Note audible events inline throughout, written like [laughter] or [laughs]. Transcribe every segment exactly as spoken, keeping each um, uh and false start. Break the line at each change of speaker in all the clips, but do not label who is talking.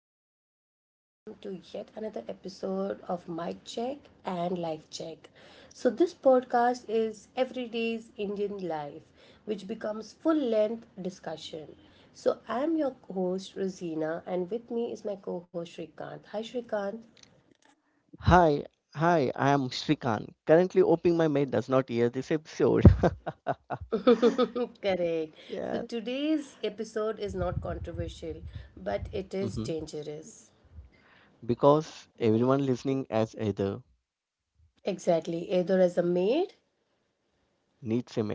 and very welcome to yet another episode of Mic Check and Life Check. So, this podcast is everyday's Indian life, which becomes full length discussion. So, I'm your host, Rosina, and with me is my co host, Shrikant. Hi, Shrikant.
Hi, hi, I am Shrikant. Currently hoping my mate does not hear this episode. [laughs]
[laughs] Correct. So,
yeah.
today's episode is not controversial, but it is
Mhm.
dangerous.
Because everyone listening has either
Exactly, either as a maid
needs a maid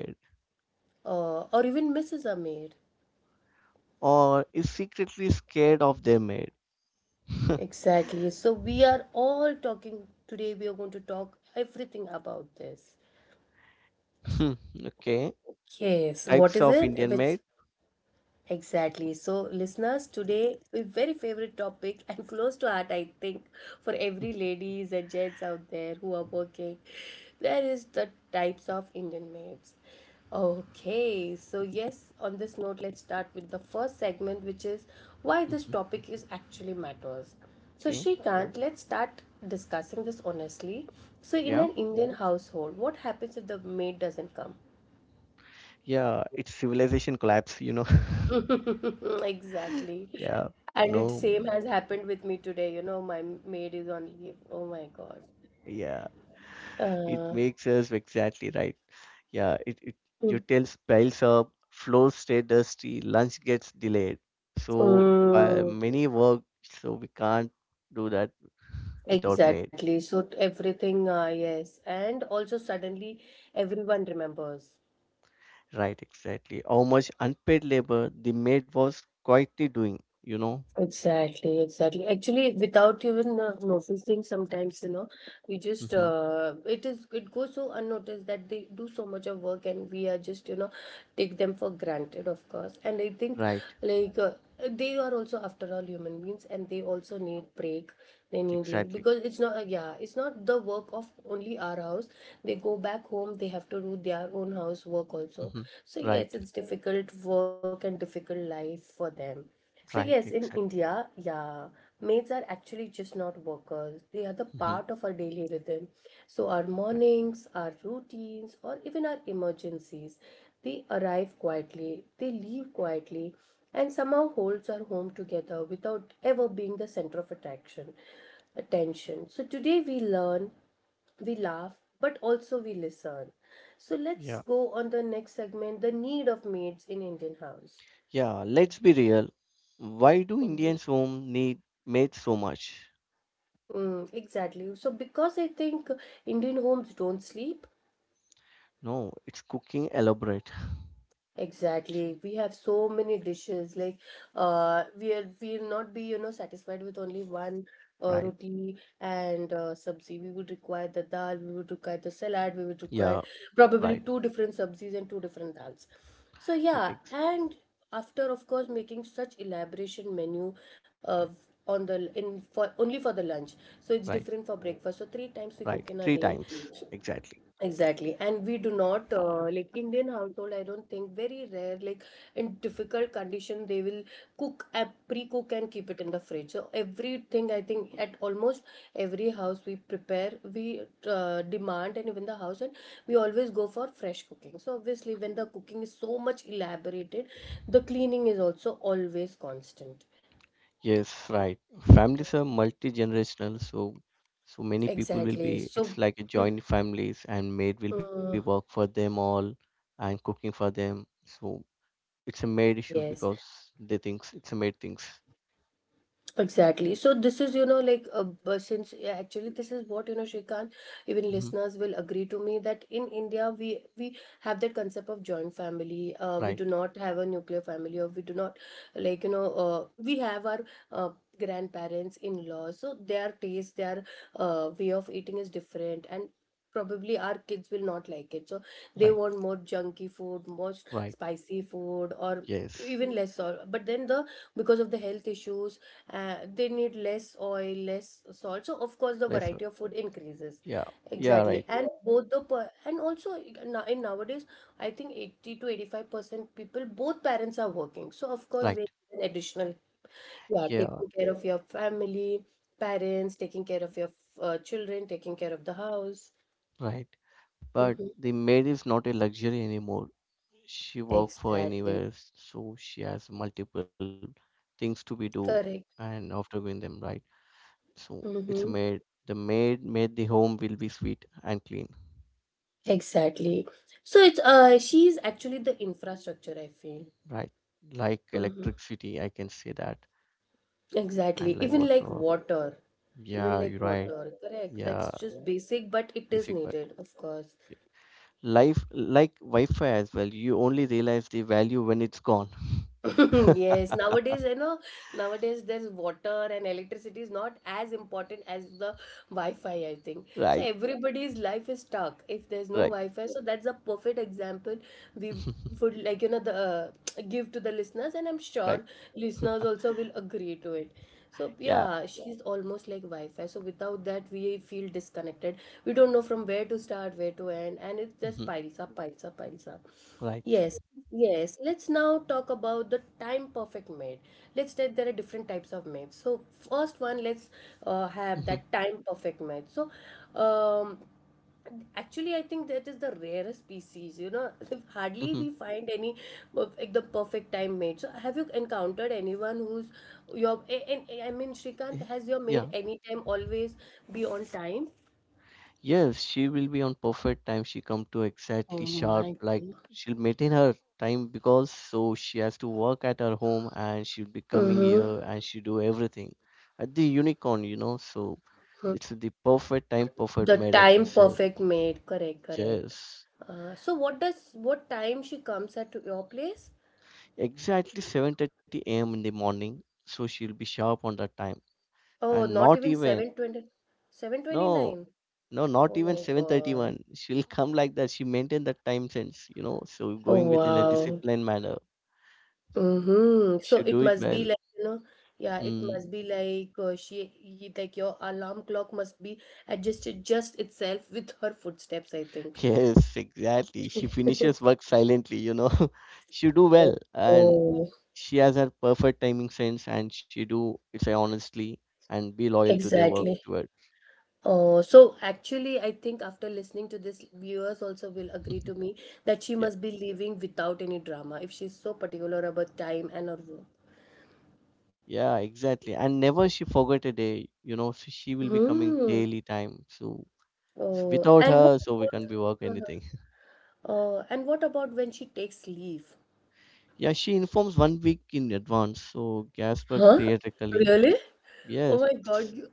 or, or even missus a maid.
or is secretly scared of their maid. [laughs]
Exactly. So we are all talking today. We are going to talk everything about this.
Hmm, okay.
Yes. What
Types
is
of
it? If
Indian
it's
maid.
exactly. So, listeners, today a very favorite topic and [laughs] close to heart, I think, for every ladies and gents out there who are working. There is the types of Indian maids. Okay, so yes, on this note, let's start with the first segment, which is why this
Mhm.
topic is actually matters. So,
okay.
Shrikant, let's start discussing this honestly. So, in
Yeah.
an Indian household, what happens if the maid doesn't come?
Yeah. It's civilization collapse, you know. [laughs]
[laughs] Exactly.
yeah.
And it
No.
same has happened with me today. You know, my maid is on leave. Oh my God.
Yeah. It
Uh,
makes us exactly right. Yeah, it, it
Mm.
utils piles up, floors stay dusty, lunch gets delayed. So uh,
mm,
many work, so we can't do that without maid.
exactly. So t- everything, uh, yes. And also suddenly everyone remembers.
Right, exactly. How much unpaid labor the maid was quietly doing, you know?
Exactly, exactly. Actually, without even uh, noticing, sometimes you know, we just
Hmm
uh, it is it goes so unnoticed that they do so much of work, and we are just you know take them for granted, of course. And I think
Right,
like uh, they are also after all human beings, and they also need break. They need leave
exactly.
because it's not uh, yeah, it's not the work of only our house. They go back home, they have to do their own house work also.
hmm
So
Right,
yes, it's difficult work and difficult life for them. So, yes,
right,
in
exactly.
India, yeah, maids are actually just not workers. They are the
hmm
part of our daily rhythm. So, our
Right.
mornings, our routines, or even our emergencies, they arrive quietly, they leave quietly, and somehow holds our home together without ever being the center of attraction, attention. So, today we learn, we laugh, but also we listen. So let's
Yeah.
go on the next segment, the need of maids in Indian house.
Yeah, let's be real. Why do Indians home need maids so much?
Mm, exactly. So, because I think Indian homes don't sleep.
No, it's cooking elaborate,
Exactly. We have so many dishes. Like, uh, we'll we'll not be you know satisfied with only one uh,
right?
roti and uh, sabzi. We would require the dal. We would require the salad. We would
Yeah,
require
right.
probably two different sabzis and two different dals. So yeah,
Ex-
and after of course making such elaboration menu
right,
of on the in for only for the lunch. So it's
right,
different for breakfast. So three times we
right.
cook in a
Three
day.
times exactly.
Exactly. And we do not, uh, like Indian household, I don't think very rare, like in difficult condition, they will cook, uh, pre-cook and keep it in the fridge. So everything, I think at almost every house we prepare, we uh, demand and even the house and we always go for fresh cooking. So obviously when the cooking is so much elaborated, the cleaning is also always constant.
Yes, right. Families are multi-generational, so so many people will
Exactly.
be. It's
So,
like a
mm,
joint families, and maid will be work
mm,
for them all, and cooking for them. So it's a maid issues
yes.
because they thinks it's a maid things.
Exactly. So this is, you know, like a but since yeah, actually this is what you know, Shrikant, even
Hmm
listeners will agree to me that in India we we have that concept of joint family. Uh, we
Right,
do not have a nuclear family, or we do not like you know, uh, we have our uh, grandparents in laws. So their taste, their uh, way of eating is different, and probably our kids will not like it. So they
right,
want more junky food, more
right.
spicy food, or
Yes.
even less salt. But then the because of the health issues, uh, they need less oil less salt. So of course
Less.
the variety of food increases
Yeah, yeah. Right,
exactly. And both the per- and also now in nowadays I think eighty to eighty-five percent people, both parents are working. So of course they
right.
need an additional, yeah,
Yeah,
taking care of your family, parents, taking care of your uh, children, taking care of the house.
right. But
Mhm.
the maid is not a luxury anymore. She work for
Exactly.
anywhere, so she has multiple things to be do
Correct.
and after doing them right. So it's a
Hmm.
maid. The maid made the home will be sweet and clean,
Exactly. So it's uh she's actually the infrastructure I feel.
right? Like
Hmm.
electricity, I can say that. And
Exactly.
like
Even like
water.
water. Even
Yeah,
like
you're right.
water. Correct. That's
Yeah,
just basic, but it is
basic, but
needed, of course.
yeah. Life like Wi-Fi as well. You only realize the value when it's gone.
[laughs]
[laughs]
Yes, nowadays, you know, nowadays there's water and electricity is not as important as the Wi-Fi, I think. So
Right,
everybody's life is stuck if there's no
right,
Wi-Fi. So that's a perfect example we
[laughs]
would like, you know, the uh, give to the listeners, and I'm sure
right.
listeners
[laughs]
also will agree to it. So
Yeah.
yeah, she's almost like Wi-Fi. So without that, we feel disconnected. We don't know from where to start, where to end, and it just
[laughs]
piles up, piles up, piles up.
Right.
Yes. Yes, let's now talk about the time perfect maid. Let's say there are different types of maids. So first one, let's uh, have
hmm
that time perfect maid. So um, actually, I think that is the rarest species. You know, [laughs] hardly
hmm
we find any of, like the perfect time maid. So have you encountered anyone who's your? a- And I mean, Shrikant, has your
Yeah.
maid any time always be on time?
Yes, she will be on perfect time. She come to
Oh
exactly sharp.
my
Like
God.
she'll maintain her time because so she has to work at her home and she'll be coming here and she do everything at the unicorn, you know. So it's the perfect time, perfect
The
mate, I can
time
say.
perfect mate, correct, correct.
Yes.
Uh, so what does what time she comes at to your place?
Exactly seven thirty a m in the morning. So she'll be sharp on that time
Oh,
and
not
not
even
even
seven twenty seven twenty
no
nine.
No, not
Oh
even
my God.
seven thirty-one. She'll [laughs] come like that. She maintain that time sense, you know. So
Oh
going within a
wow.
disciplined manner,
Mm-hmm. So
she'll
it
do it
must be
well.
like, you know, yeah, it
Hmm.
must be
[laughs]
like uh, she he- like your alarm clock must be adjusted just itself with her footsteps, I think.
Yes, exactly. She finishes
[laughs]
work silently, you know. [laughs] she do well, and
Oh,
she has her perfect timing sense, and she do it honestly and be loyal to their work
exactly.
toward.
Oh, so actually, I think after listening to this, viewers also will agree
[laughs]
to me that she
Yeah,
must be leaving without any drama if she's so particular about time and her work.
yeah, exactly. And never she forget a day, you know. So she will be coming
Hmm.
daily time. So, so
Oh,
without
and what
her, so we can't be work
about? Uh-huh.
anything.
Oh, and what about when she takes leave?
Yeah, she informs one week in advance, so Gasper
Huh?
theatrically,
Really? Oh my
yes.
God, you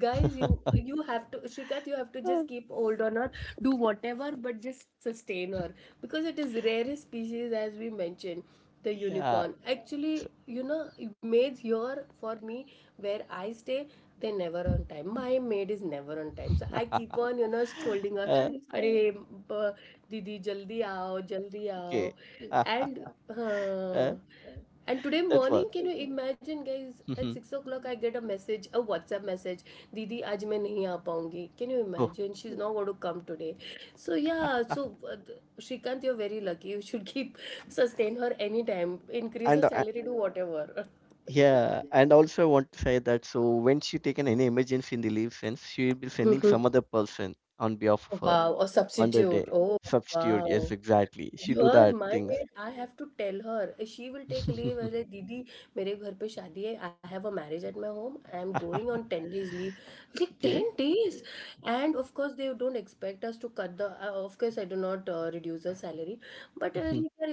guys, you you have to Shrikat, you have
Uh,
to just keep hold on her, do whatever, but just sustain her because it is rarest species as we mentioned, the
yeah.
unicorn.
so-
Actually, you know, maids here for me where I stay, they're never on time. My maid is never on time, so I
[laughs]
keep on you know scolding her.
uh,
अरे ब- दीदी जल्दी आओ जल्दी आओ
okay. Ah,
and
uh,
हाँ and today
that
morning,
one.
can you imagine, guys? At
Mhm.
six o'clock, I get a message, a WhatsApp message. Didi, आज मैं नहीं आ पाऊंगी. Can you
oh,
imagine? She's not going to come today. So yeah, so uh, Shrikant, you're very lucky. You should keep sustain her anytime. Increase her
and
salary,
uh,
do whatever.
yeah, and also I want to say that so when she taken any emergency in the leave sense, she will be sending some
[laughs]
other person on behalf of her
Wow, or
on the
substitute.
day.
Oh,
Substitute, yes,
wow.
exactly. She do
Yeah,
that
my
things.
maid. I have to tell her. She will take leave. I
[laughs]
say, Didi, my home. I have a marriage at my home. I am going on ten days leave. Like ten
okay.
days, and of course, they don't expect us to cut the. Uh, Of course, I do not uh, reduce her salary. But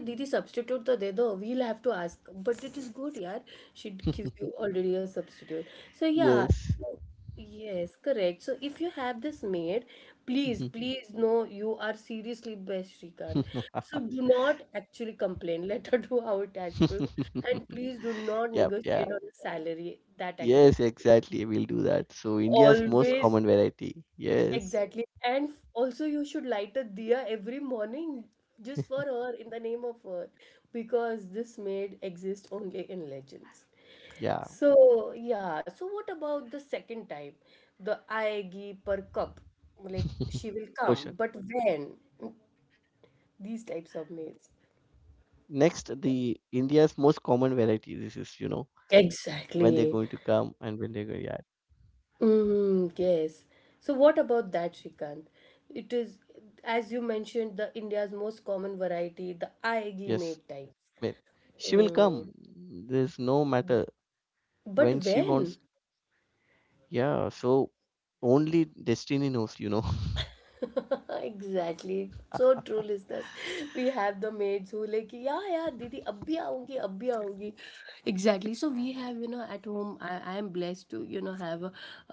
Didi substitute, so they do. We'll have to ask. But it is good, yar. She gives you
[laughs]
already a substitute. So yeah.
yes.
Yes, correct. So if you have this maid, please, please know you are seriously best, Shrikant. So
[laughs]
do not actually complain. [laughs] Let her do how it has been. And
[laughs]
please do not
Yep, yeah.
negotiate on the salary that
Yes,
aggressively.
exactly. We'll do that. So India's most
Always
common variety. Yes.
exactly. And f- also, you should light a diya every morning just for her, in the name of her, because this maid exists only in legends.
Yeah.
So, yeah. So, what about the second time? The aegi per cup. Like,
[laughs]
she will come,
Question.
but when? Mm, these types of maids.
Next, the India's most common variety. This is, you know, when they're going to come
Exactly.
and when they're going. Yeah.
Mm, yes. So what about that, Shrikant? It is, as you mentioned, the India's most common variety, the Aegi
Yes.
made type.
Wait. She will
Mm.
come. There's no matter
But
when she
when?
wants. Yeah. So only destiny knows, you know. [laughs]
[laughs] Exactly. So true, listeners. We have the maids who like, yeah, yeah, Didi, abhi aungi, abhi aungi. Exactly. So we have, you know, at home, I, I am blessed to, you know, have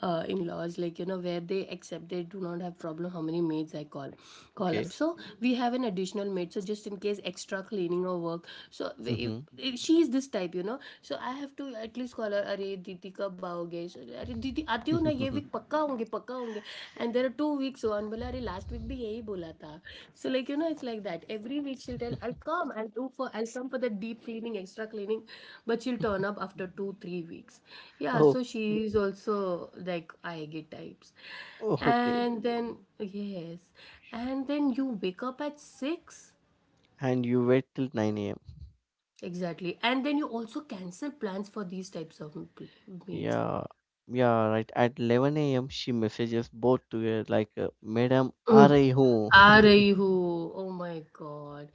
uh, in-laws like, you know, where they accept they do not have problem how many maids I call call up.
Okay.
So we have an additional maid. So just in case extra cleaning or work. So we- if,
Mm-hmm.
if she is this type, you know. So I have to at least call her, अरे दीदी कब आओगे अरे दीदी आती हूँ ना
[laughs]
ये वीक पक्का होंगे पक्का होंगे and there are two weeks one बोला अरे लास्ट वीक भी यही बोला था so like you know it's like that every week she'll tell I come I do for I come for the deep cleaning extra cleaning but she'll turn up after two three weeks या
Oh,
so she is also like I get types.
oh, okay.
And then, yes. And then you wake up at six.
And you wait till nine a
Exactly. And then you also cancel plans for these types of m- pl- meets.
Yeah, yeah, right. At eleven a m, she messages both together like, uh, Madam,
Mm.
aa rahi hoon." [laughs]
Arayu. Oh my God.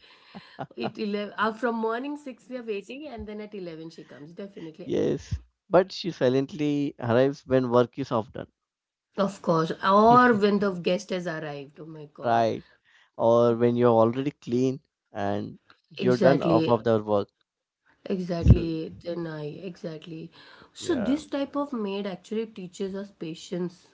It eleven, uh, from morning six we are waiting and then at eleven she comes. Definitely.
Yes, but she silently arrives when work is off done.
Of course. Or
[laughs]
when the guest has arrived. Oh my God.
Right. Or when you're already clean and you're done off
Exactly.
of the work. So,
Exactly, then I exactly. So
yeah,
this type of maid actually teaches us patience,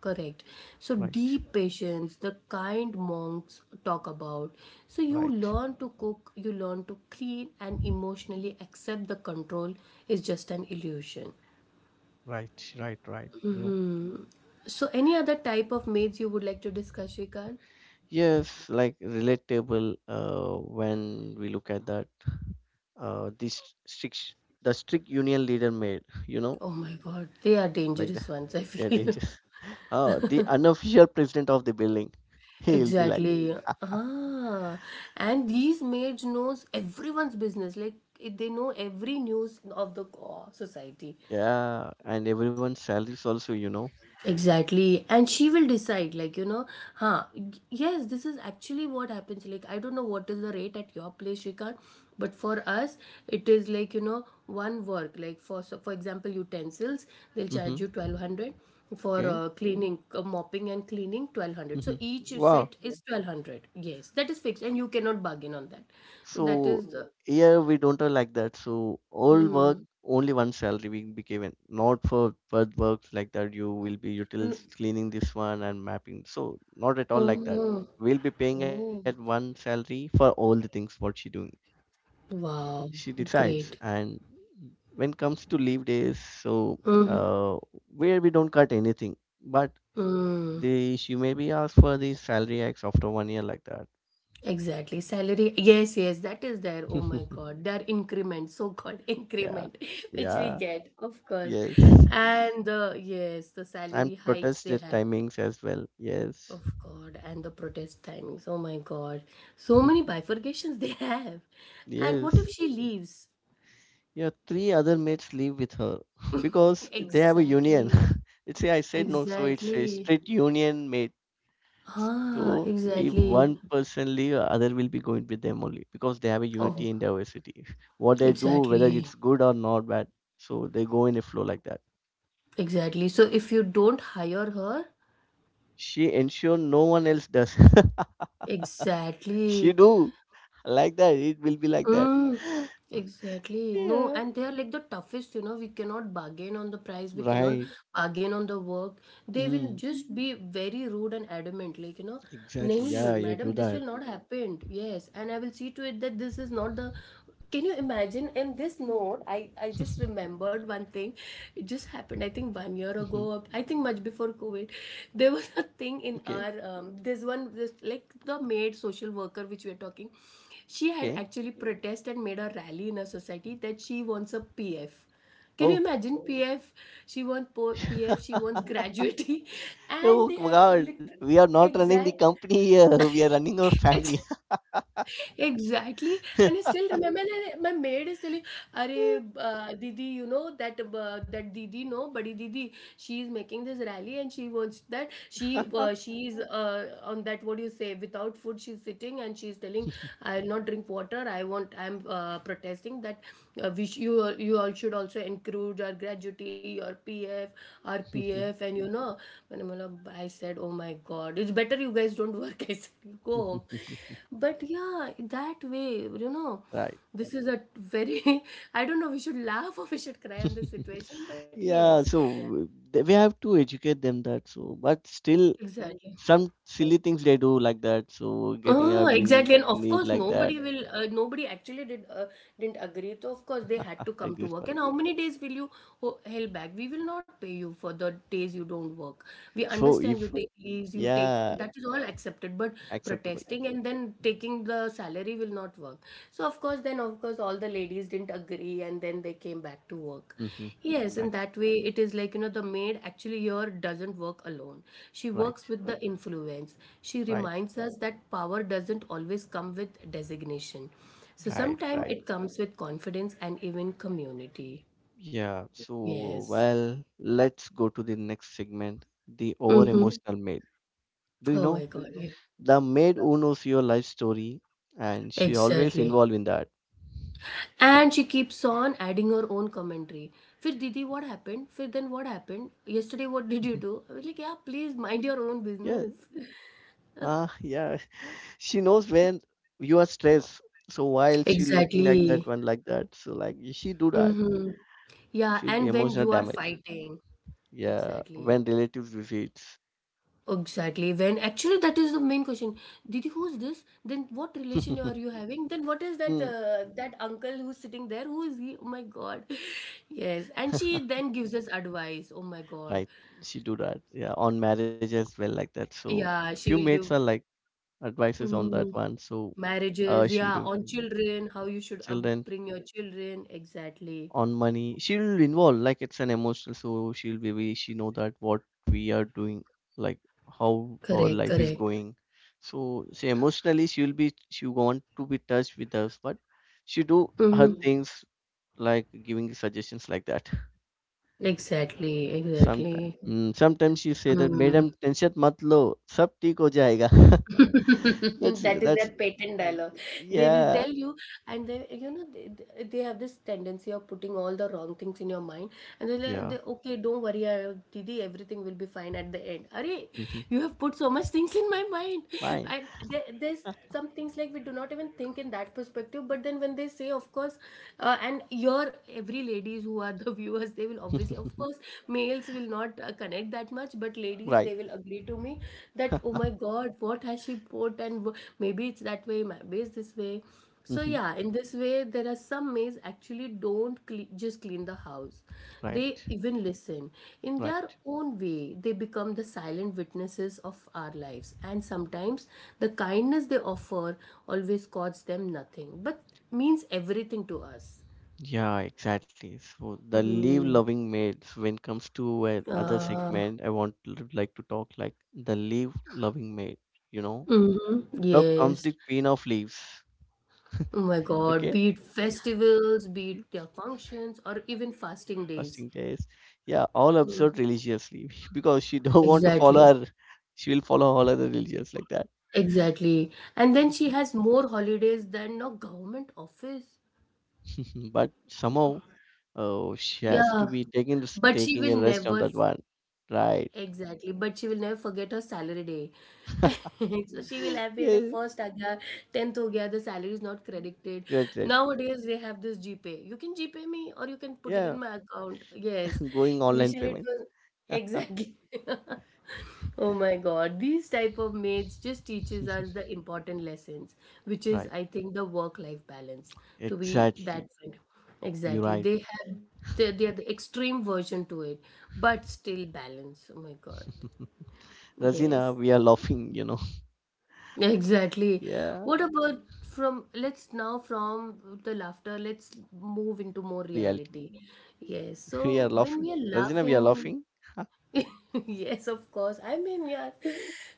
correct? So
right,
deep patience, the kind monks talk about. So you
right,
learn to cook, you learn to clean, and emotionally accept the control is just an illusion.
right, right, right. You know,
So any other type of maids you would like to discuss, Shrikant?
yes, like relatable uh, when we look at that. Uh, this strict, the strict union leader made, you know,
Oh my God, they are
like that.
dangerous ones, I
Yeah,
feel.
danger.
[laughs]
[laughs] Oh, the unofficial president of the building. [laughs] He'll be like,
Exactly. Ah, and these maids knows everyone's business. Like it- they know every news of the uh, society
yeah, and everyone's salaries also, you know.
exactly, and she will decide, like, you know. Huh? Yes, this is actually what happens. Like, I don't know what is the rate at your place, Shrikant, but for us it is like, you know, one work, like, for so for example utensils, they'll charge
Mm-hmm.
you twelve hundred for
Okay.
uh, cleaning, uh, mopping and cleaning twelve hundred, so
Mm-hmm.
each
Wow.
set is twelve hundred. Yes, that is fixed and you cannot bargain on that. So that
So
is the
here we don't are like that. So all work,
mm,
only one salary will be given. Not for third works like that. You will be
mm,
utils cleaning this one and mapping. So not at all like
oh,
that. We'll be paying
oh,
at one salary for all the things what she doing.
wow,
She
great.
decides and when comes to leave days so
Mhm.
uh, where we don't cut anything but
Mm,
they she may be asked for the salary hikes after one year like that.
exactly. Salary. Yes, yes, that is there. Oh my
[laughs]
God. There are increments, so-called [laughs]
Yeah,
increment, which we
yeah,
get, of course.
yes
And the, yes, the
and
salary hikes they
protested
have,
timings as well, yes.
of God, and the protest timings. Oh my God. So many
[laughs]
bifurcations [laughs] they have. And what
Yes,
if she leaves?
yeah, three other mates leave with her [laughs] because they have a union.
Exactly.
[laughs] It's I said no, so it's a
Exactly.
straight union mate. So
Ah,
if one
exactly.
person leave, other will be going with them only because they have a unity
Oh,
in diversity. [laughs] What they do, whether
exactly.
it's good or not bad, so they go in a flow like that.
Exactly. So if you don't hire her,
She ensure no one else does. [laughs] She
exactly.
do like that. It will be like that.
Mm, exactly. No,
Yeah.
and they are like the toughest, you know. We cannot bargain on the price, we cannot
Right.
bargain on the work. They will
Mm,
just be very rude and adamant, like, you know, no,
exactly. Yeah, you do
madam, this
that.
will not happen. Yes, and I will see to it that this is not the. Can you imagine in this note?
[laughs]
I, I just remembered one thing. It just happened, I think,
Mhm.
one year ago, or I think much before COVID. There was a thing
Okay.
in our, um, this one, this, like the maid social worker, which we are talking. She had
Okay.
actually protested and made a rally in her society that she wants a P F. Can you
Oh.
imagine P F? She wants po- P F, she
[laughs]
wants gratuity. [laughs] And
Oh
they
my
had literally
God. We are not running the
exact.
company here. We are running our
[laughs]
family.
Exactly. And I still remember that my maid is telling, are, uh, Didi, you know that uh, that Didi, no, Badi Didi, she is making this rally and she wants that she
[laughs]
uh, she is uh, on that, what do you say, without food she's sitting and she's telling I'll not drink water. I want I'm uh, protesting that, uh, we sh- you all- you all should also include our gratuity, your P F, our P F, and you know. And I'm like, I said, oh my god, it's better you guys don't work. [laughs] I said, go home.
[laughs]
But yeah, that way, you know,
Right.
this is a very, [laughs] I don't know, we should laugh or we should cry on this
[laughs]
situation, but yes,
Yeah, so th- we have to educate them that so, but still
exactly.
some silly things they do like that. So getting
Oh,
up we
exactly,
need
and
like
of
that.
course, nobody will. Uh, nobody actually did uh, didn't agree. So of course, they had
I
to
agree
come to
for that.
work. And how many days will you ho- held back? We will not pay you for the days you don't work. We
So
understand you
if
take leaves, you take,
yeah,
that is all accepted. But
acceptable.
protesting and then taking the salary will not work. So of course, then of course all the ladies didn't agree and then they came back to work.
Mm-hmm.
Yes, in
Right,
that way it is like, you know, the maid actually here doesn't work alone, she works
right,
with the influence. She
right,
reminds us that power doesn't always come with designation, so
right,
sometimes
right.
it comes with confidence and even community.
Yeah. So
Yes.
well, let's go to the next segment, the over
Mm-hmm.
emotional maid. Do you
Oh
know
my god, yeah.
the maid who knows your life story, and she always
Exactly.
involved in that.
And she keeps on adding her own commentary. Fir Didi, what happened? Fir then what happened? Yesterday, what did
Mhm.
you do? I was like, yeah, please mind your own
Yeah.
business.
Ah, yeah. She knows when you are stressed. So while she looking like that
Exactly.
one like that, so like she do that,
Mm-hmm. Yeah,
she'll be
and when
emotional
you are
damage.
fighting.
Yeah,
Exactly.
when relatives visits,
Exactly. When actually that is the main question. Didi, who's this? Then what relation are you
[laughs]
having? Then what is that
Hmm,
uh, that uncle who's sitting there? Who is he? Oh my God. [laughs] Yes. And she then gives us advice. Oh my God.
right? She do that. Yeah, on marriage as well like that. So
Yeah, she
few
will give.
mates are like advices on
Mm-hmm.
that one. So
Marriages,
uh, she'll
yeah,
do
on children, how you should
children
upbring your children. Exactly.
on money she'll involve like it's an emotional so she'll be we- she know that what we are doing like how our
Correct,
life is
correct.
going, so she emotionally she'll be she want to be touched with us but she do her
Hmm.
things like giving suggestions like that
Exactly,
sometimes.
exactly.
Mm, sometimes she say that
Mm.
madam tension mat lo sab theek ho jayega. [laughs] that's
[laughs] That is
that's
their patent dialogue, they will
yeah,
tell you. And they, you know, they, they they have this tendency of putting all the wrong things in your mind, and they're like
yeah.
they, okay, don't worry, uh, didi, everything will be fine at the end. Arey,
hmm
you have put so much things in my mind.
Fine.
And there, there's some things like we do not even think in that perspective, but then when they say of course. Uh, and your every ladies who are the [laughs] viewers, they will obviously, of
[laughs]
course, males will not uh, connect that much, but ladies, they
Right.
will agree to me that oh my god, what has she bought, and wh- maybe it's that way, maybe it's this way. So
hmm
yeah, in this way there are some maids actually don't cle- just clean the house, they
Right,
even listen. In their
right.
own way, they become the silent witnesses of our lives, and sometimes the kindness they offer always costs them nothing but means everything to us.
Yeah, exactly. So the
Mm-hmm.
leave-loving maids, when comes to another
uh,
segment, I want to like to talk like the leave-loving maid, you know.
mm-hmm.
Now comes
Yes.
the queen of leaves.
Oh my god,
Okay.
be it festivals, be it their functions, or even fasting days.
Fasting days. Yeah, all observed religiously [laughs] because she don't want to
Exactly,
follow her. She will follow all other religions like that.
exactly. And then she has more holidays than a government office.
[laughs] But somehow, oh, she has to
Yeah,
be taking this-
but she
taking
will
a rest on
never,
that one. Right.
exactly, but she will never forget her salary day. [laughs] So she will
[laughs]
have been the
Yeah.
first. Agar tenth ho gaya, the salary is not credited.
Right, right.
Nowadays they have this g pay. You can g pay me or you can put it
Yeah.
in my account. Yes.
[laughs] Going online
Initially it
payment.
was exactly. [laughs] Oh my god, these type of mates just teaches us
[laughs]
the important lessons, which is
Right.
I think the work-life balance to be
Exactly.
that friend.
You're
Exactly.
right.
They have they, they are the extreme version to it, but still balance. Oh my god.
[laughs] Razina,
Yes.
we are laughing, you know. [laughs]
Exactly.
Yeah,
What about, from, let's now from the laughter, let's move into more
reality.
reality. Yes.
[laughs] We are
So when
laughing.
we are
Razina, we are
laughing,
laughing.
[laughs] yes, of course. I mean, yeah,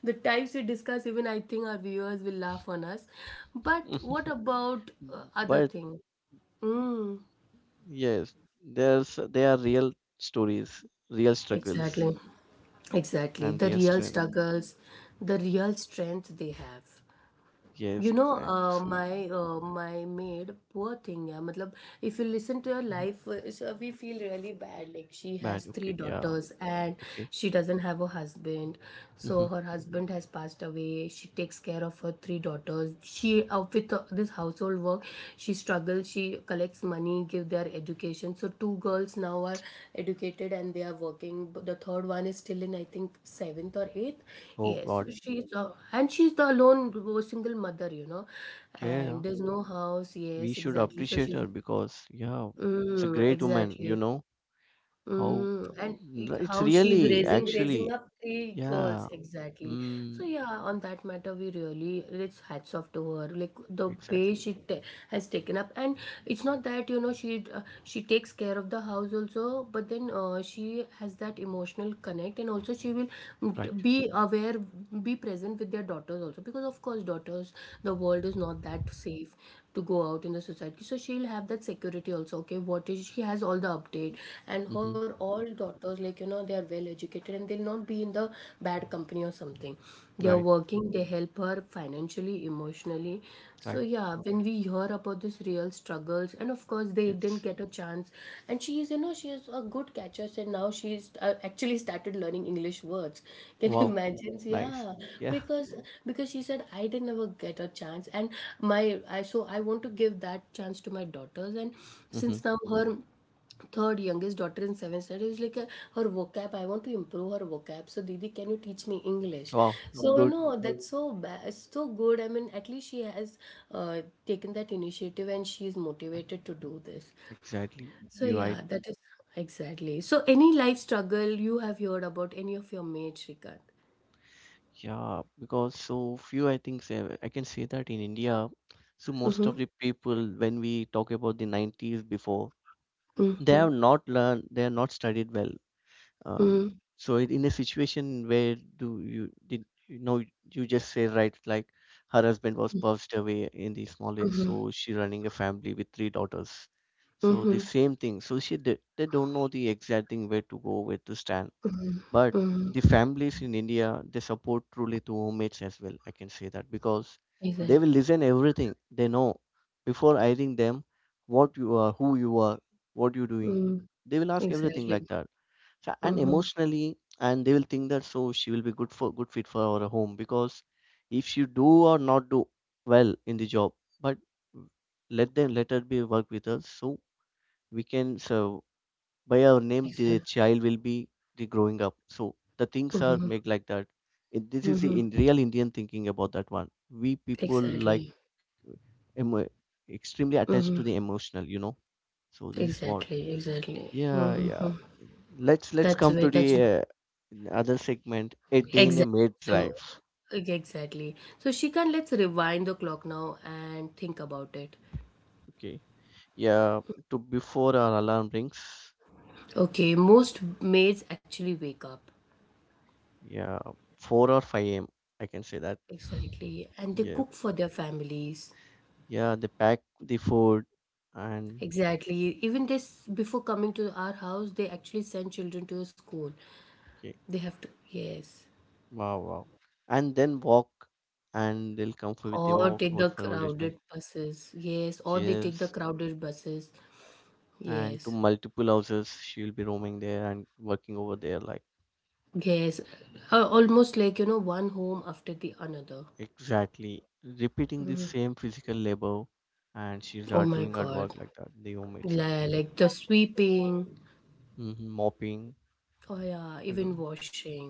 the types we discuss, even I think our viewers will laugh on us.
[laughs]
But what
But
about uh, other thing? Mm,
yes, there's they are real stories, real struggles,
exactly, exactly.
and
The
real
real
strength.
struggles, the real strength they have. You
Yes,
know,
exactly.
uh,
So
my uh, my maid, poor thing. Yeah, मतलब, if you listen to her
mhm.
life, uh, so we feel really bad. Like, she
Bad.
has
Okay.
three
Yeah.
daughters and
Okay.
she doesn't have a husband.
hmm
So her husband has passed away. She takes care of her three daughters. She uh, with uh, this household work, she struggles. She collects money, give their education. So two girls now are educated and they are working. But the third one is still in I think seventh or eighth.
Oh
Yes,
God.
so she's uh, and she's the alone wo- single mother, you know, and
Yeah.
there's no house.
We
Yes,
should
exactly. So
appreciate
she's
her because yeah, it's a
mm,
great woman, you
exactly.
know. How
Mm, and
mm,
i-
it's
how she's
really
raising raising
actually
up three girls
yeah.
exactly.
Mm,
So yeah, on that matter, we really it's hats off to her. Like the way
exactly.
she ta has taken up, and it's not that you know she uh, she takes care of the house also, but then uh, she has that emotional connect, and also she will
Right.
mm, be aware, be present with their daughters also, because of course daughters, the world is not that safe to go out in the society. So she'll have that security also. Okay, what is she has all the update married, and her
hmm
all daughters, like, you know, they are well educated and they'll not be in the bad company or something. They are
Right.
working, they help her financially, emotionally. So
Right.
yeah, when we hear about this real struggles, and of course they didn't
Yes.
get a chance, and she is, you know, she is a good catcher, and now she's uh, actually started learning english words. [laughs] Can you
Wow.
imagine? So,
Nice.
yeah,
Yeah.
because because she said I didn't ever get a chance and my I so I want to give that chance to my daughters, and
hmm
since now her third youngest daughter in seventh standard is like uh, her vocab, I want to improve her vocab, so didi can you teach me english.
Wow.
So
Mm,
you
good.
know that's so ba- so good, I mean, at least she has uh, taken that initiative and she is
Right.
motivated to do this.
Exactly.
So
You're
yeah,
right.
that is exactly. So any life struggle you have heard about any of your mates, Shrikant?
Yeah. Because so few, I think, say, I can say that in India, so most
Mm-hmm,
of the people, when we talk about the nineties before, they
mm-hmm,
have not learned, they have not studied well. Um,
mm-hmm,
so in in a situation where do you did you know you just say right like her husband was passed away in the small age,
mm-hmm,
so she running a family with three daughters. So the
mm-hmm,
same thing. So she they, they don't know the exact thing where to go, where to stand.
mm-hmm,
But
mm-hmm.
the families in India they support truly to homemates as well. I can say that because they will
Exactly.
listen everything they know before hiring them what you are, who you are, what you're doing.
Mm,
They will ask everything
exactly.
like that fa- and
Mm-hmm.
emotionally and they will think that so she will be good for good fit for our home because if she do or not do well in the job but let them let her be work with us so we can so by our name the
Exactly.
child will be the growing up so the things are
Mm-hmm.
made like that. It- this is the in real indian thinking about that one we people like
Exactly.
emo- extremely attached to the
Hmm.
emotional you know so this is what
Exactly. Exactly.
yeah, yeah.
Hmm.
Let's let's
That's
come
where
to the
that's
uh, other segment, a day in a
exactly.
maid's
So
life.
ex- exactly. So Shikan, let's rewind the clock now and think about it.
Okay. Yeah, to before our alarm rings.
Okay, most maids actually wake up.
Yeah, four or five a m. I can say that.
Exactly. And they
Yeah.
cook for their families.
Yeah, they pack the food and
Exactly. Even this, before coming to our house, they actually send children to a school.
okay.
They have to, yes.
Wow, wow. And then walk and they'll come for with the walk
Or
hold for
take the
old age man.
crowded buses. Yes. Or they take
Yes.
the crowded buses.
And to
Yes.
multiple houses, she'll be roaming there and working over there like
Yes, uh, almost like you know, one home after the another.
exactly. Repeating the same physical labor and she's
Oh
uh,
my
doing her
god,
work like that. The home itself.
like, like the sweeping,
hmm Mopping
oh yeah,
and
even
all.
washing.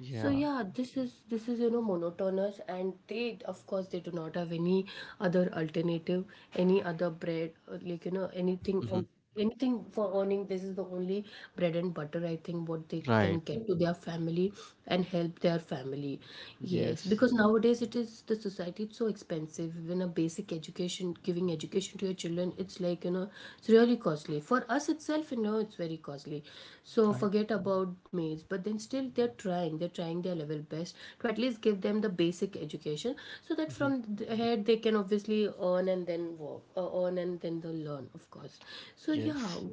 So
Yeah.
yeah, this is this is you know monotonous, and they of course they do not have any other alternative, any other bread, or like you know anything, um,
hmm
anything for earning. This is the only bread and butter, I think, what they
Right.
can get to their family and help their family. Yes,
Yes.
because nowadays it is the society society it's so expensive. Even a basic education, giving education to your children, it's like you know it's really costly for us itself, you know it's very costly. So
Right.
forget about maids, but then still they're trying they're trying their level best to at least give them the basic education, so that
hmm
from th- ahead they can obviously earn and then work, uh, earn and then they'll learn, of course. So yeah,
Yes.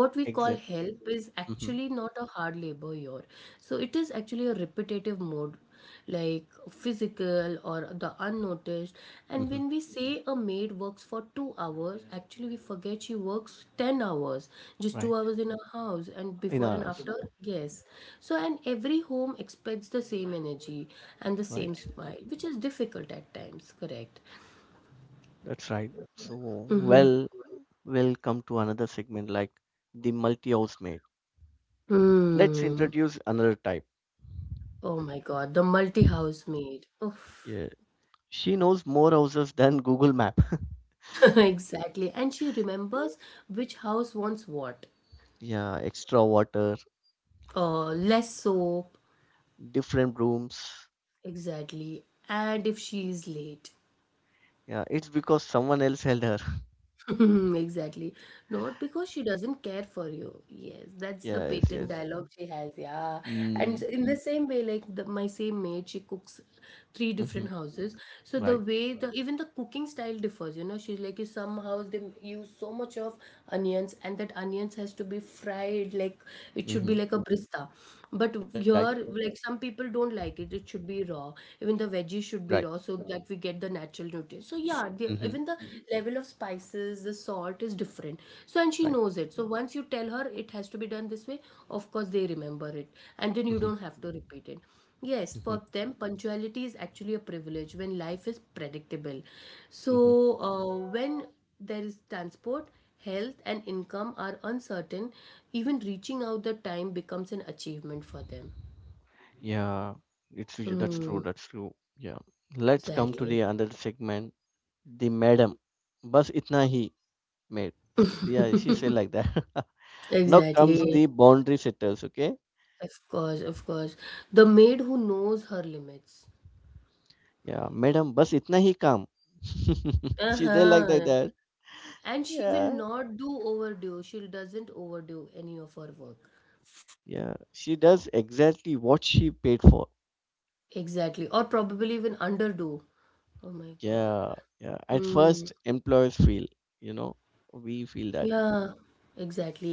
what we call
Exit.
help is
hmm
actually not a hard labor here. So it is actually a repetitive mode, like physical or the unnoticed. And
hmm
when we say a maid works for two hours, actually we forget she works ten hours. Just two
Right.
hours in a house, and
In
before and
ours.
after. Yes. So and every home expects the same energy and the same
Right.
smile, which is difficult at times, correct.
That's right. So,
Mm-hmm.
well, we'll come to another segment like the multi-housemate. Let's
Mm.
introduce another type.
Oh my god, the multi house maid. Oof.
Yeah. She knows more houses than Google Map. [laughs]
[laughs] exactly. And she remembers which house wants what.
Yeah, extra water.
Uh, less soap.
Different rooms.
Exactly. And if she is late.
Yeah, it's because someone else held her. [laughs]
[laughs] Exactly. Not because she doesn't care for you. Yes, that's the
Yes,
patent
yes.
dialogue she has. Yeah. And
Mm,
in the same way, like the, my same maid, she cooks three
mm-hmm,
different houses. So the
right.
way the even the cooking style differs, you know, she's like, you, some house they use so much of onions, and that onions has to be fried like it should
Mm-hmm,
be like a brista. But
right,
here, like, some people don't like it. It should be raw. Even the veggies
right.
should be raw, so that we get the natural nutrients. So yeah, the,
Mm-hmm,
even the level of spices, the salt is different. So and she
right.
knows it. So once you tell her it has to be done this way, of course they remember it, and then you
Mm-hmm,
don't have to repeat it. Yes,
mm-hmm,
for them, punctuality is actually a privilege when life is predictable.
mm-hmm.
So uh, when there is transport, health, and income are uncertain, even reaching out the time becomes an achievement for them.
Yeah, it's y- that's
Mm,
true, that's true. Yeah. Let's come to
exactly.
the another segment. The madam. Bas itna hi made. Yeah, she said like that. [laughs] Now comes the
Exactly.
boundary setters, okay?
Of course, of course. The maid who knows her limits.
Yeah,
Oh my
madam,
God.
bas itna hi kam. [laughs] She they like like
Uh-huh.
that.
And she will
Yeah.
not do overdo. She doesn't overdo any of her work.
Yeah, she does exactly what she paid for.
Exactly. Or probably even underdo. Oh my God.
Yeah, yeah. At
Mm.
first, employers feel, you know, we feel that
Yeah,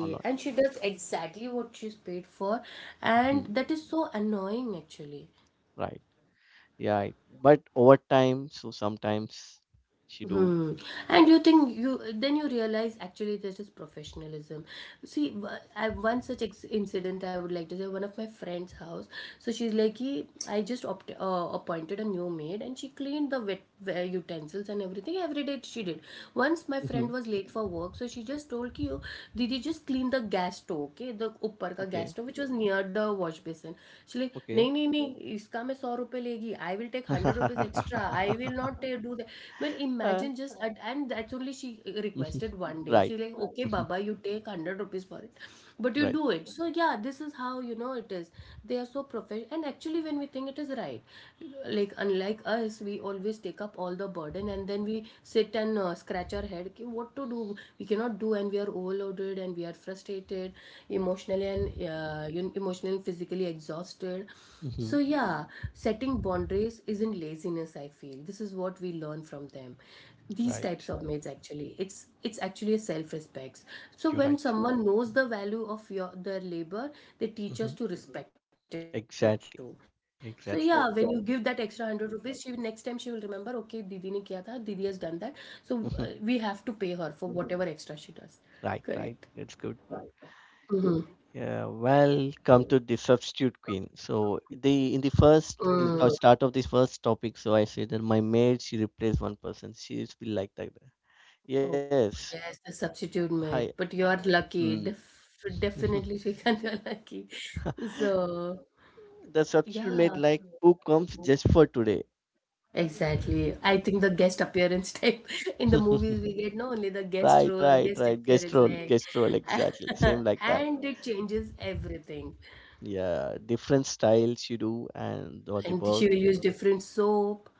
or not.
And she does exactly what she's paid for. And
Mhm.
that is so annoying, actually.
Right. Yeah. I- But over time, so sometimes she do.
Hmm. And you think, you then you realize actually this is professionalism. See, w- I, one such ex- incident I would like to say, one of my friend's house. So she's like, "Ki, I just opt, uh, appointed a new maid and she cleaned the wet, uh, utensils and everything every day she did. Once my
hmm
friend was late for work, so she just told ki, oh, Didi just clean the gas stove, okay, the upper ka
Okay.
gas stove which was near the wash basin. She like,
Okay.
नहीं नहीं नहीं इसका मैं सौ रुपए legi, I will take hundred rupees extra, I will
[laughs]
not ta- do that. Well,
Uh,
imagine, just and and that's only, she
mhm.
requested one day,
Right.
she's like, okay
Mhm.
baba, you take hundred rupees for it but you
Right.
do it. So yeah, this is how, you know, it is they are so professional, and actually when we think it is right, like unlike us, we always take up all the burden, and then we sit and uh, scratch our head. "Okay, what to do, we cannot do, and we are overloaded and we are frustrated emotionally and uh, emotionally and physically exhausted.
hmm
So, yeah, setting boundaries isn't laziness, I feel. This is what we learn from them. These
Right.
types of mates actually. It's it's actually a self-respect. So
You're
when
right.
someone knows the value of your their labor, they teach us
hmm
to respect it too.
Exactly.
So
Exactly.
yeah, when you give that extra hundred rupees, she will, next time she will remember, okay, Didi ne kiya tha, Didi has done that. So
hmm
uh, we have to pay her for whatever extra she does.
Right. Right.
Correct.
That's good.
Mm-hmm.
Yeah, welcome to the substitute queen. So the in the first in the to- start of this first topic, so I said that my maid she replaced one person. She's been like that.
Oh,
Yes,
yes, the substitute
hi.
mate. But you're
Mm.
lucky. Def
[laughs]
definitely, [laughs] Shrikant, you're lucky. So,
The substitute maid
yeah,
like who comes just for today.
exactly. I think the guest appearance type [laughs] in the movies we
[laughs]
get not only the guest
Right,
role,
right,
guest
right. Guest
appearance,
role,
like,
guest role, exactly. Same
[laughs]
like that.
and it changes everything.
Yeah, different styles you do and or the
And she
work.
will use different soap.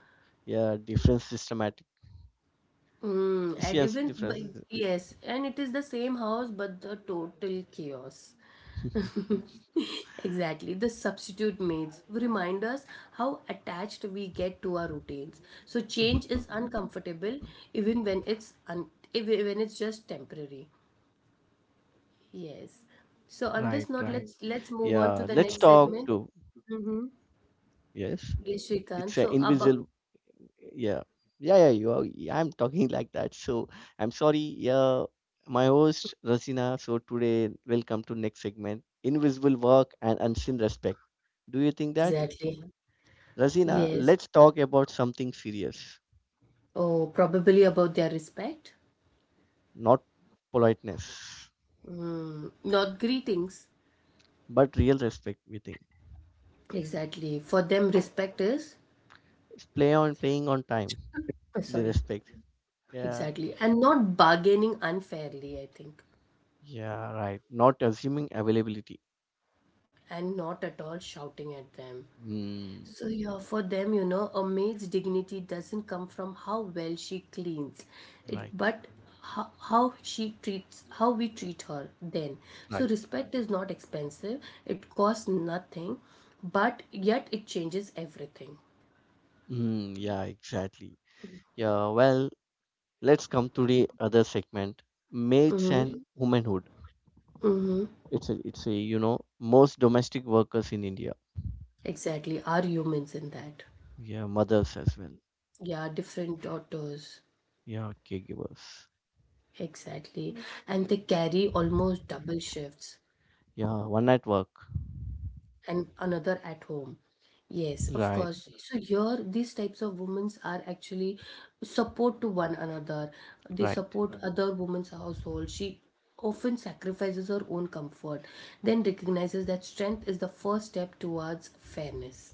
Yeah, different systematic.
Mm,
She
and
has
even but
different.
yes, and it is the same house but the total chaos. [laughs]
[laughs]
Exactly. The substitute maids remind us how attached we get to our routines. So change is
Mhm.
uncomfortable, even when it's un even when it's just temporary. Yes. So
Right,
on this
right.
note, let's let's move on
Yeah,
to the
let's
next
talk
segment.
to yes.
Yes, Shrikant.
It's
So
an
about,
invisible. Yeah, yeah, yeah. You are. Yeah, I'm talking like that. So I'm sorry. Yeah, my host Rasina. So today, welcome to next segment: invisible work and unseen respect. Do you think that
exactly.
Rasina?
Yes.
Let's talk about something serious,
Oh, probably about their respect.
not politeness,
Not greetings.
but real respect. We think
Exactly. For them, respect is,
it's play on playing on time.
uh,
The
sorry,
respect. Yeah,
exactly. And not bargaining unfairly, I think.
yeah, right. Not assuming availability.
And not at all shouting at them.
Hmm.
So, yeah, for them, you know, a maid's dignity doesn't come from how well she cleans, it,
Right,
but how, how she treats, how we treat her then. So,
right.
respect is not expensive, it costs nothing, but yet it changes everything.
Mm, yeah, exactly. Yeah, well, let's come to the other segment, maids and
Mm-hmm.
womanhood.
Mm-hmm.
It's a, it's a, you know, most domestic workers in India.
Exactly. Are humans in that?
Yeah, mothers as well.
Yeah, different daughters.
Yeah, caregivers.
Exactly. And they carry almost double shifts
Yeah, one at work.
and another at home. Yes, of
Right,
course. So here, these types of women are actually support to one another. They
right,
support other women's household. She often sacrifices her own comfort, then recognizes that strength is the first step towards fairness.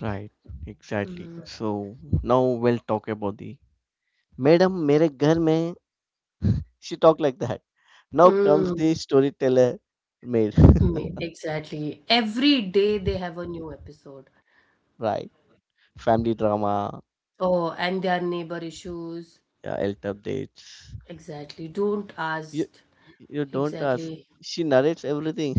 right. Exactly. So now we'll talk about the madam, मेरे घर में. She talked like that. Now comes
Mm,
the storyteller maid. [laughs]
mm, exactly. Every day they have a new episode.
Right. Family drama.
Oh, and their neighbor issues,
Yeah, health updates.
exactly. Don't
You
ask.
you don't ask.
Exactly.
She narrates everything.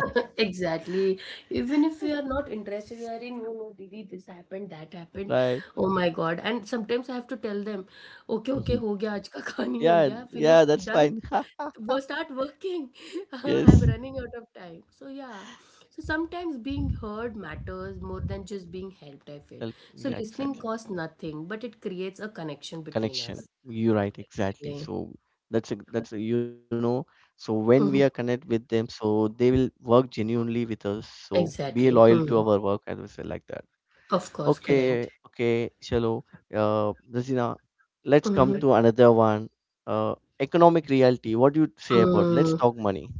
[laughs] Exactly. Even if you are not interested, you are in. You know, Didi, this happened, that
[laughs]
happened.
Right?
Oh my God. And sometimes I have to tell them, okay, okay,
Mhm.
ho gaya, aaj ka khani ho
Yeah,
gaya,
yeah,
finished,
that's
done.
fine. [laughs] Ha,
Go start working. [laughs] I'm
yes.
running out of time. So yeah. So sometimes being heard matters more than just being helped, I feel.
Help.
So
Yeah,
listening
exactly.
costs nothing, but it creates a connection between us.
Connection. You're right, exactly.
Exactly.
So that's a that's a, you know. So when we are connect
Mhm.
with them, so they will work genuinely with us. So be
Exactly.
loyal to
Hmm.
our work as well, like that.
Of course, correct.
Okay, okay, chalo. Uh, Rasina, let's
Hmm,
come
right?
to another one. Uh, economic reality. What do you say about?
Mhm.
Let's
Mm.
talk money.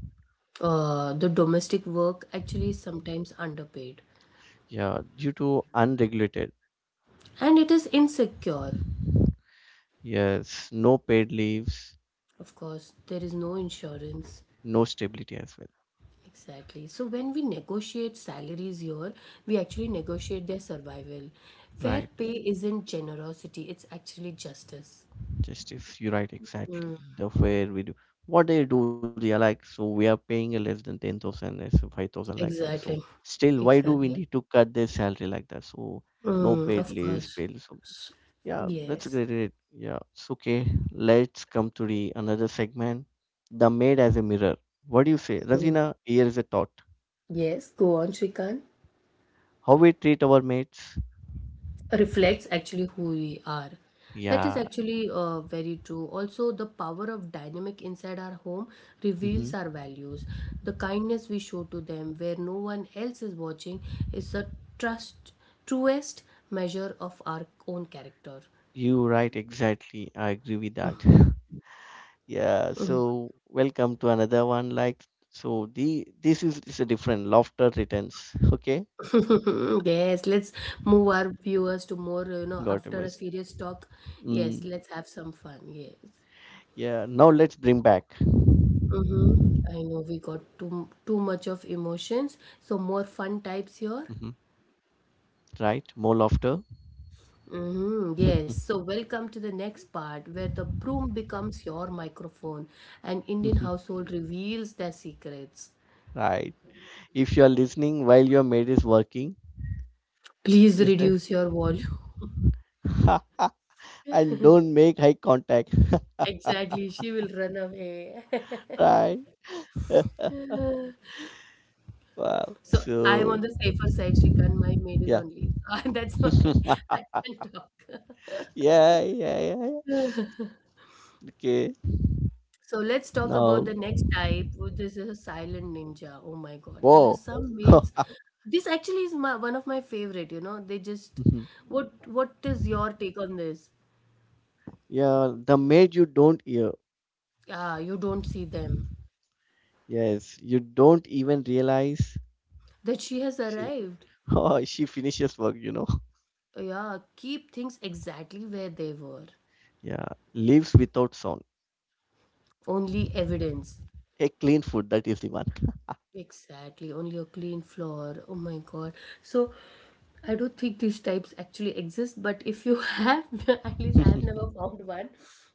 Uh, the domestic work actually is sometimes underpaid
Yeah, due to unregulated.
and it is insecure.
Yes, no paid leaves,
Of course, there is no insurance.
no stability as well.
Exactly. So, when we negotiate salaries here, we actually negotiate their survival. Fair
Right.
pay isn't generosity, it's actually justice.
Justice, you're right, exactly.
Mm.
The fair we do. What they do, they are like, so we are paying a less than ten thousand, less than five thousand like that. So
Exactly.
still, why do we
Exactly.
need to cut their salary like that? So no
Mm,
paid
of
leaves,
course.
paid leaves. So
S-
yeah, that's
Yes.
great. Great. Yeah, it's okay. Let's come to the another segment. The maid as a mirror. What do you say? Ravina, here is a thought.
Yes. Go on, Shrikant.
How we treat our maids.
Reflects actually who we are. That is
Yeah.
actually uh, very true. Also, the power of dynamic inside our home
hmm
reveals our values. The kindness we show to them, where no one else is watching, is the trust, truest measure of our own character.
You right, exactly. I agree with that. [laughs] Yeah, so welcome to another one. Like so the this is is a different laughter returns. [laughs] Okay,
[laughs] yes, let's move our viewers to more, you know,
got it.
after a
Miss.
serious talk. Yes,
Mm,
let's have some fun. Yes.
yeah, now let's bring back.
Mm-hmm. I know we got too too much of emotions, so more fun types
hmm
here.
Right, more laughter.
Mm-hmm, yes.
[laughs]
So, welcome to the next part where the broom becomes your microphone and Indian household reveals their secrets.
Right. If you are listening while your maid is working,
Please
is there
reduce your volume. [laughs]
[laughs] and don't make eye contact.
Exactly, she will run away. [laughs]
[laughs] Right. [laughs] Wow.
so, I'm on
So
the safer side, Shrikant. My maid is
yeah.
on leave. [laughs] So that's why
[laughs]
[laughs] I can talk.
Yeah, yeah, yeah. Yeah. Okay.
So, let's talk
Now,
about the next type, which This is a silent ninja. Oh my god, there are
wow.
some maids.
[laughs]
This actually is my, one of my favorite, you know. They just.
Mhm.
What What is your take on this?
Yeah, the maid you don't hear.
Yeah, you don't see them.
Yes, you don't even realize
That she has
she. [laughs]
arrived.
Oh, she finishes work. You know.
Yeah, keep things exactly where they were.
Yeah, leaves without sound.
Only evidence.
A clean food. That is the one.
Exactly, only a clean floor. Oh my god. So I don't think these types actually exist, but if you [laughs] have, at least I have never
[laughs]
found one.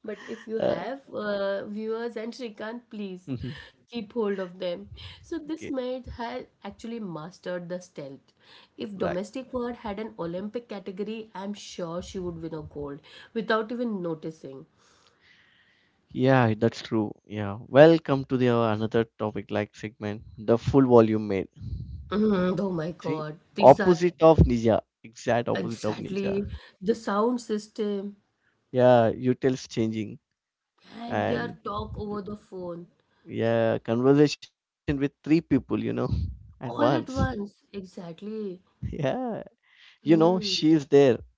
But if you
uh,
have, uh, viewers and Shrikant, please
mhm.
keep hold of them. So this
Okay.
maid has actually mastered the stealth. If
Right.
domestic word had an Olympic category, I'm sure she would win a gold without even noticing.
Yeah, that's true. Yeah. Welcome to the uh, another topic like segment. The full volume maid.
Mhm, oh my
See,
god, these are
opposite of ninja. Exact opposite of ninja.
exactly the sound system.
Yeah, you changing.
And their
And
talk over the phone.
yeah, conversation with three people, you know. [laughs] At once.
All at once. Exactly.
Yeah, you know
Hmm.
she's there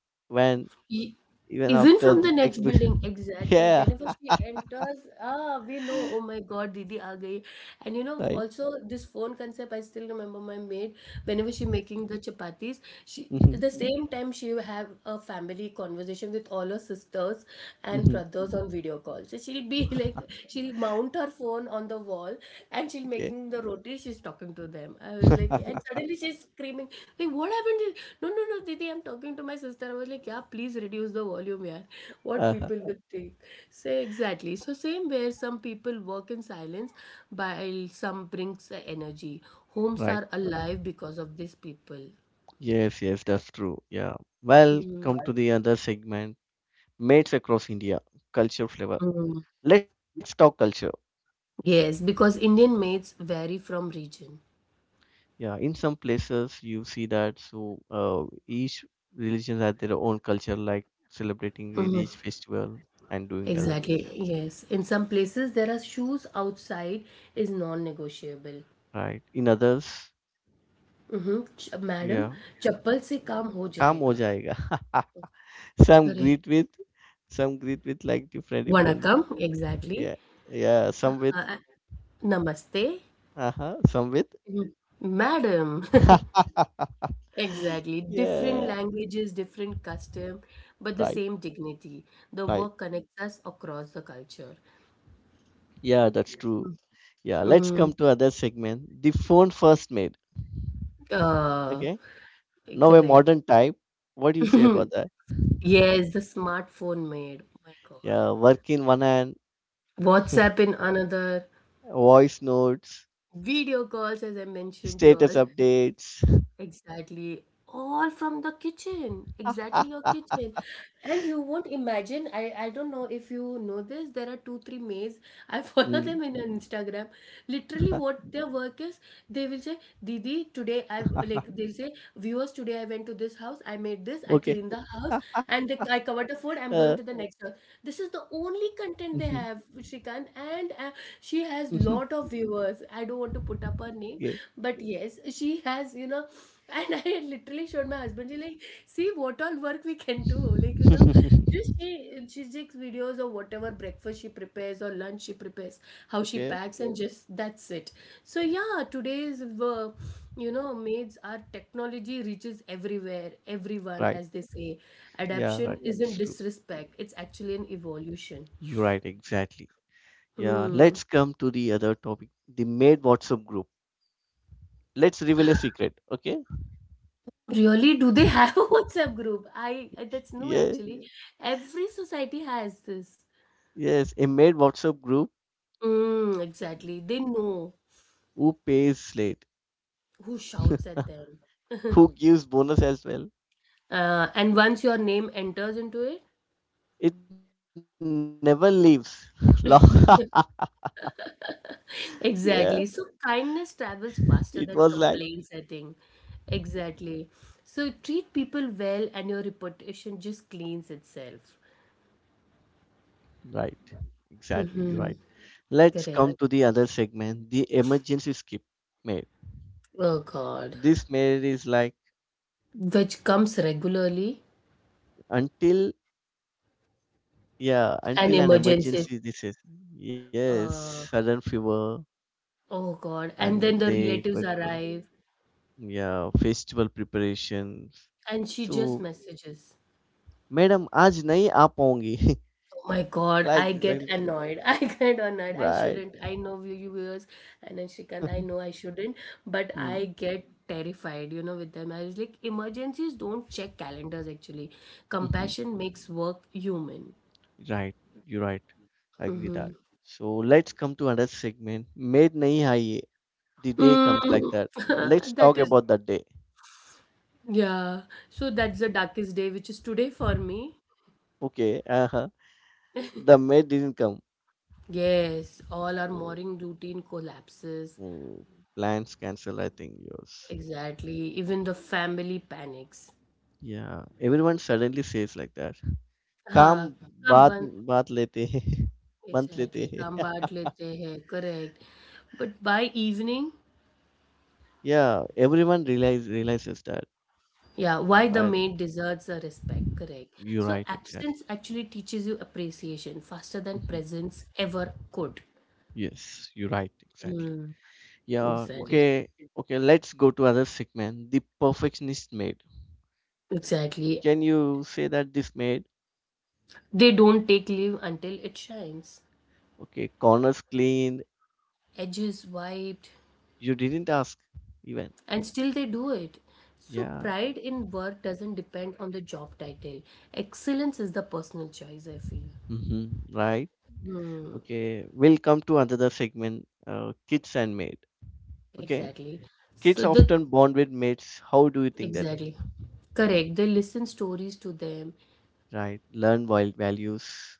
when
E-
even
Even
after
from
the
the next
textbook.
building,
[laughs]
exactly.
Yeah,
Whenever she enters, ah, we know, oh my God, Didi aa gayi. And you know,
right.
also this phone concept, I still remember my maid, whenever she making the chapatis, she
hmm
the same time she will have a family conversation with all her sisters and
hmm
brothers on video call. So she'll be [laughs] like, she'll mount her phone phone on the wall, and she's
okay.
making the roti, she's talking to them. I was like, and
[laughs]
suddenly she's screaming like, "What happened to-" "No, no, no, Didi, I'm talking to my sister." I was like, "Yeah, please reduce the volume. Yeah, what
Uh-huh.
people will think?" say Exactly. So same, where some people work in silence while some brings the energy, homes
Right,
are alive because of these people.
yes, yes, that's true. Yeah, well
Mhm.
come to the other segment, mates across India, culture flavor.
Mm.
Let's talk culture.
Yes, because Indian maids vary from region.
Yeah, in some places you see that. So uh, each religion has their own culture, like celebrating in each festival and doing other things,
Exactly, yes. In some places, there are shoes outside is non-negotiable.
right? In others,
Madam,
yeah,
chappal se
so,
kam ho
काम हो
jayega.
जाएगा. [laughs] Some
Correct.
greet with, some greet with like different
Vana
different.
kam, exactly.
Yeah, yeah. Some with,
Uh, Namaste.
uh huh. Some with.
Mhm. Madam. [laughs]
[laughs]
Exactly. Different
Yeah,
languages, different custom, but the
right,
same dignity. The
right.
work connects us across the culture.
Yeah, that's true. Yeah, let's come
Mm,
to other segment. The phone first made.
uh,
Okay. Now a
Correct.
modern type. What do you say
[laughs]
about that?
Yes, the smartphone made. My God.
Yeah, work in one hand,
WhatsApp in another,
voice notes,
video calls, as I mentioned,
status
y'all.
updates.
Exactly. All from the kitchen. Exactly, your
[laughs]
kitchen. And you won't imagine, I, I don't know if you know this, there are two, three maids. I [laughs] follow
Mm.
them in on Instagram. Literally
[laughs]
what their work is, they will say, Didi, today I, like they'll say, viewers, today I went to this house, I made this, I
Okay.
cleaned the house, and they, I covered the
Uh,
food, I'm going to the next house. This is the only
mhm,
content they have, Shrikant, and uh, she has
mhm,
lot of viewers. Was I don't want to put up her name,
okay.
but yes, she has, you know. And [laughs] I literally showed my husband. He's like, see what all work we can do, like, you know,
[laughs]
just she she takes videos of whatever breakfast she prepares or lunch she prepares, how she
Okay.
packs, and just that's it. So yeah, today's uh, you know, maids, our technology reaches everywhere, everyone,
Right.
as they say,
Yeah,
adaption
right.
isn't
It's true.
disrespect, it's actually an evolution.
You're right. Exactly. Yeah.
Hmm.
Let's come to the other topic the maid WhatsApp group. Let's reveal a secret. Okay.
Really, do they have [laughs] a WhatsApp group? I, I that's
Yeah.
no, actually. Every society has this.
Yes. A maid WhatsApp group
Mm, exactly. They know
who pays late,
who shouts
[laughs]
at them.
who gives bonus as well,
Uh, and once your name enters into
it never leaves. [laughs]
it,
Yeah,
[laughs] exactly. So kindness
it was
travels
like
faster than complaints, I think. Exactly. So treat people well and your reputation just cleans itself.
right. Exactly, you're
Mm-hmm.
right. Let's
Correct.
come to the other segment, the emergency skip mail.
Oh God.
This mail is like
Which comes regularly.
until yeah,
An
until an
emergency.
emergency this is
Uh,
yes, sudden fever
Oh God. And then
and
the
they
relatives
got uh,
arrive
yeah, festival preparations.
and she just
So
messages.
Madam आज नहीं आ पाऊंगी
Oh my
[laughs]
God,
like
I
like
get annoyed. [laughs] I get annoyed. I
right.
shouldn't. I know, you you viewers, and then Shrikant, I know I
[laughs]
shouldn't, but
Hmm.
I get terrified, you know, with them. I was like, emergencies don't check calendars actually.
[laughs]
Compassion makes work human.
Right, you're right. I agree
Hmm.
that. So let's come to another segment. Made nahi hai ye. The day comes like
Mm,
that. Let's
[laughs] that
talk
is,
about that day.
yeah. So that's the darkest day, which is today for me.
Okay, uh-huh. The maid didn't come.
Yes, all our
Oh,
morning routine collapses.
oh, plans cancel, I think yours.
Exactly. Even the family panics.
Yeah, everyone suddenly says like that. काम
हाँ काम
बाद
बंद.
बात लेते हैं [laughs] बंत
Exactly,
लेते
काम
हैं
बांट लेते हैं, correct. But by evening,
[laughs] yeah, everyone realize realizes that.
yeah, why the
I,
maid deserves a respect. Correct.
you're
So
right,
absence
exactly.
actually teaches you appreciation faster than
Mhm.
presence ever could.
Yes, you're right, exactly.
Hmm.
Yeah,
Exactly.
okay, okay, let's go to other segment. The perfectionist maid.
Exactly.
Can you say that this maid,
They don't take leave until it shines.
okay, corners cleaned,
Edges wiped,
you didn't ask even.
and still they do it. So
Yeah,
pride in work doesn't depend on the job title. Excellence is the personal choice, I feel.
mm-hmm, right.
Hmm,
Okay, we'll come to another segment, uh, kids and maid. Okay,
exactly.
kids
So, the
often bond with mates. How do you think that,
Exactly, correct, they listen stories to them.
right? Learn wild values.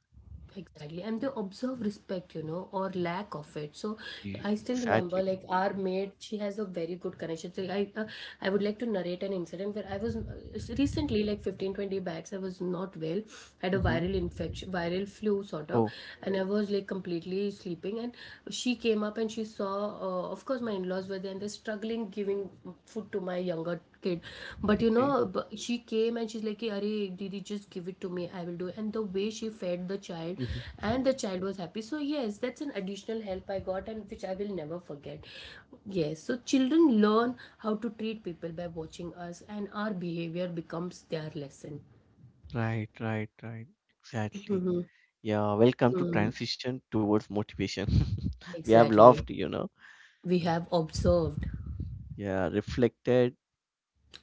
Exactly, and they observe respect, you know, or lack of it. So
Y-
I still remember,
Exactly.
like our maid, she has a very good connection. So I, uh, I would like to narrate an incident where I was uh, recently, like fifteen twenty 20 bags, I was not well, had a
Mm-hmm.
viral infection, viral flu sort of,
Oh,
and I was like completely sleeping. And she came up and she saw, uh, of course, my in-laws were there, and they're struggling giving food to my younger kid, but you
okay.
know, b- she came and she's like, "Are, Didi, just give it to me, I will do it." And the way she fed the child,
Mm-hmm.
and the child was happy. So yes, that's an additional help I got, and which I will never forget. Yes, so children learn how to treat people by watching us, and our behavior becomes their lesson.
Right, right, right. Exactly.
Mhm.
Yeah, welcome to
Mm,
transition towards motivation. [laughs] We have loved,
exactly,
you know,
we have observed,
yeah, reflected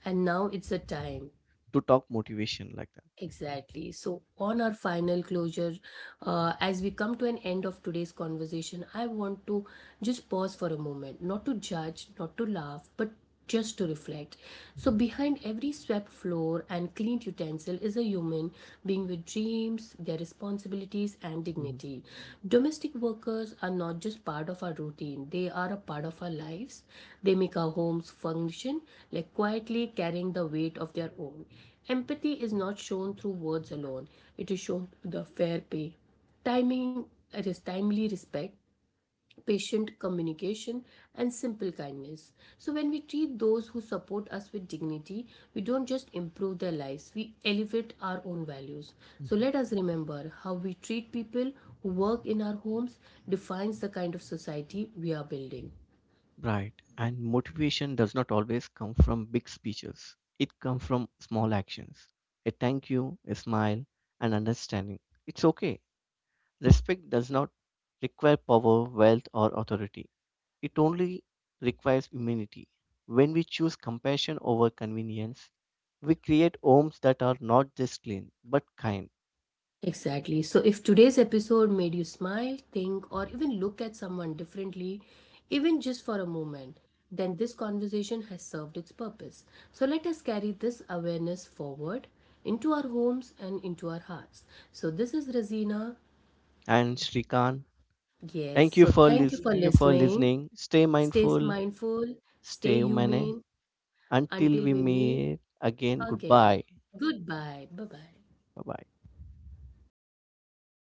and now it's a time.
to talk motivation like that.
Exactly. So, on our final closure, uh, as we come to an end of today's conversation, I want to just pause for a moment, not to judge, not to laugh, but just to reflect. So, behind every swept floor and cleaned utensil is a human being with dreams, their responsibilities, and
Mhm, mhm,
dignity. Domestic workers are not just part of our routine, they are a part of our lives. They make our homes function, like quietly carrying the weight of their own. Empathy is not shown through words alone, it is shown through the fair pay, timing, that is, timely respect, patient communication, and simple kindness. So, when we treat those who support us with dignity, we don't just improve their lives, we elevate our own values. So, let
mhm.
us remember how we treat people who work in our homes defines the kind of society we are building.
Right. And motivation does not always come from big speeches. It comes from small actions. A thank you, a smile, and understanding. It's okay. Respect does not require power, wealth, or authority. It only requires humility. When we choose compassion over convenience, we create homes that are not just clean but kind.
Exactly. So, if today's episode made you smile, think, or even look at someone differently, even just for a moment, then this conversation has served its purpose. So, let us carry this awareness forward into our homes and into our hearts. So, this is Razina.
And Shrikant,
Yes.
thank you
So,
for
thank you
lis-
for
thank you for
listening.
listening. Stay
Stay
mindful,
mindful, stay
stay humane.
humane until
Until we
we meet
meet again,
again.
goodbye.
Goodbye. Bye bye.
Bye bye.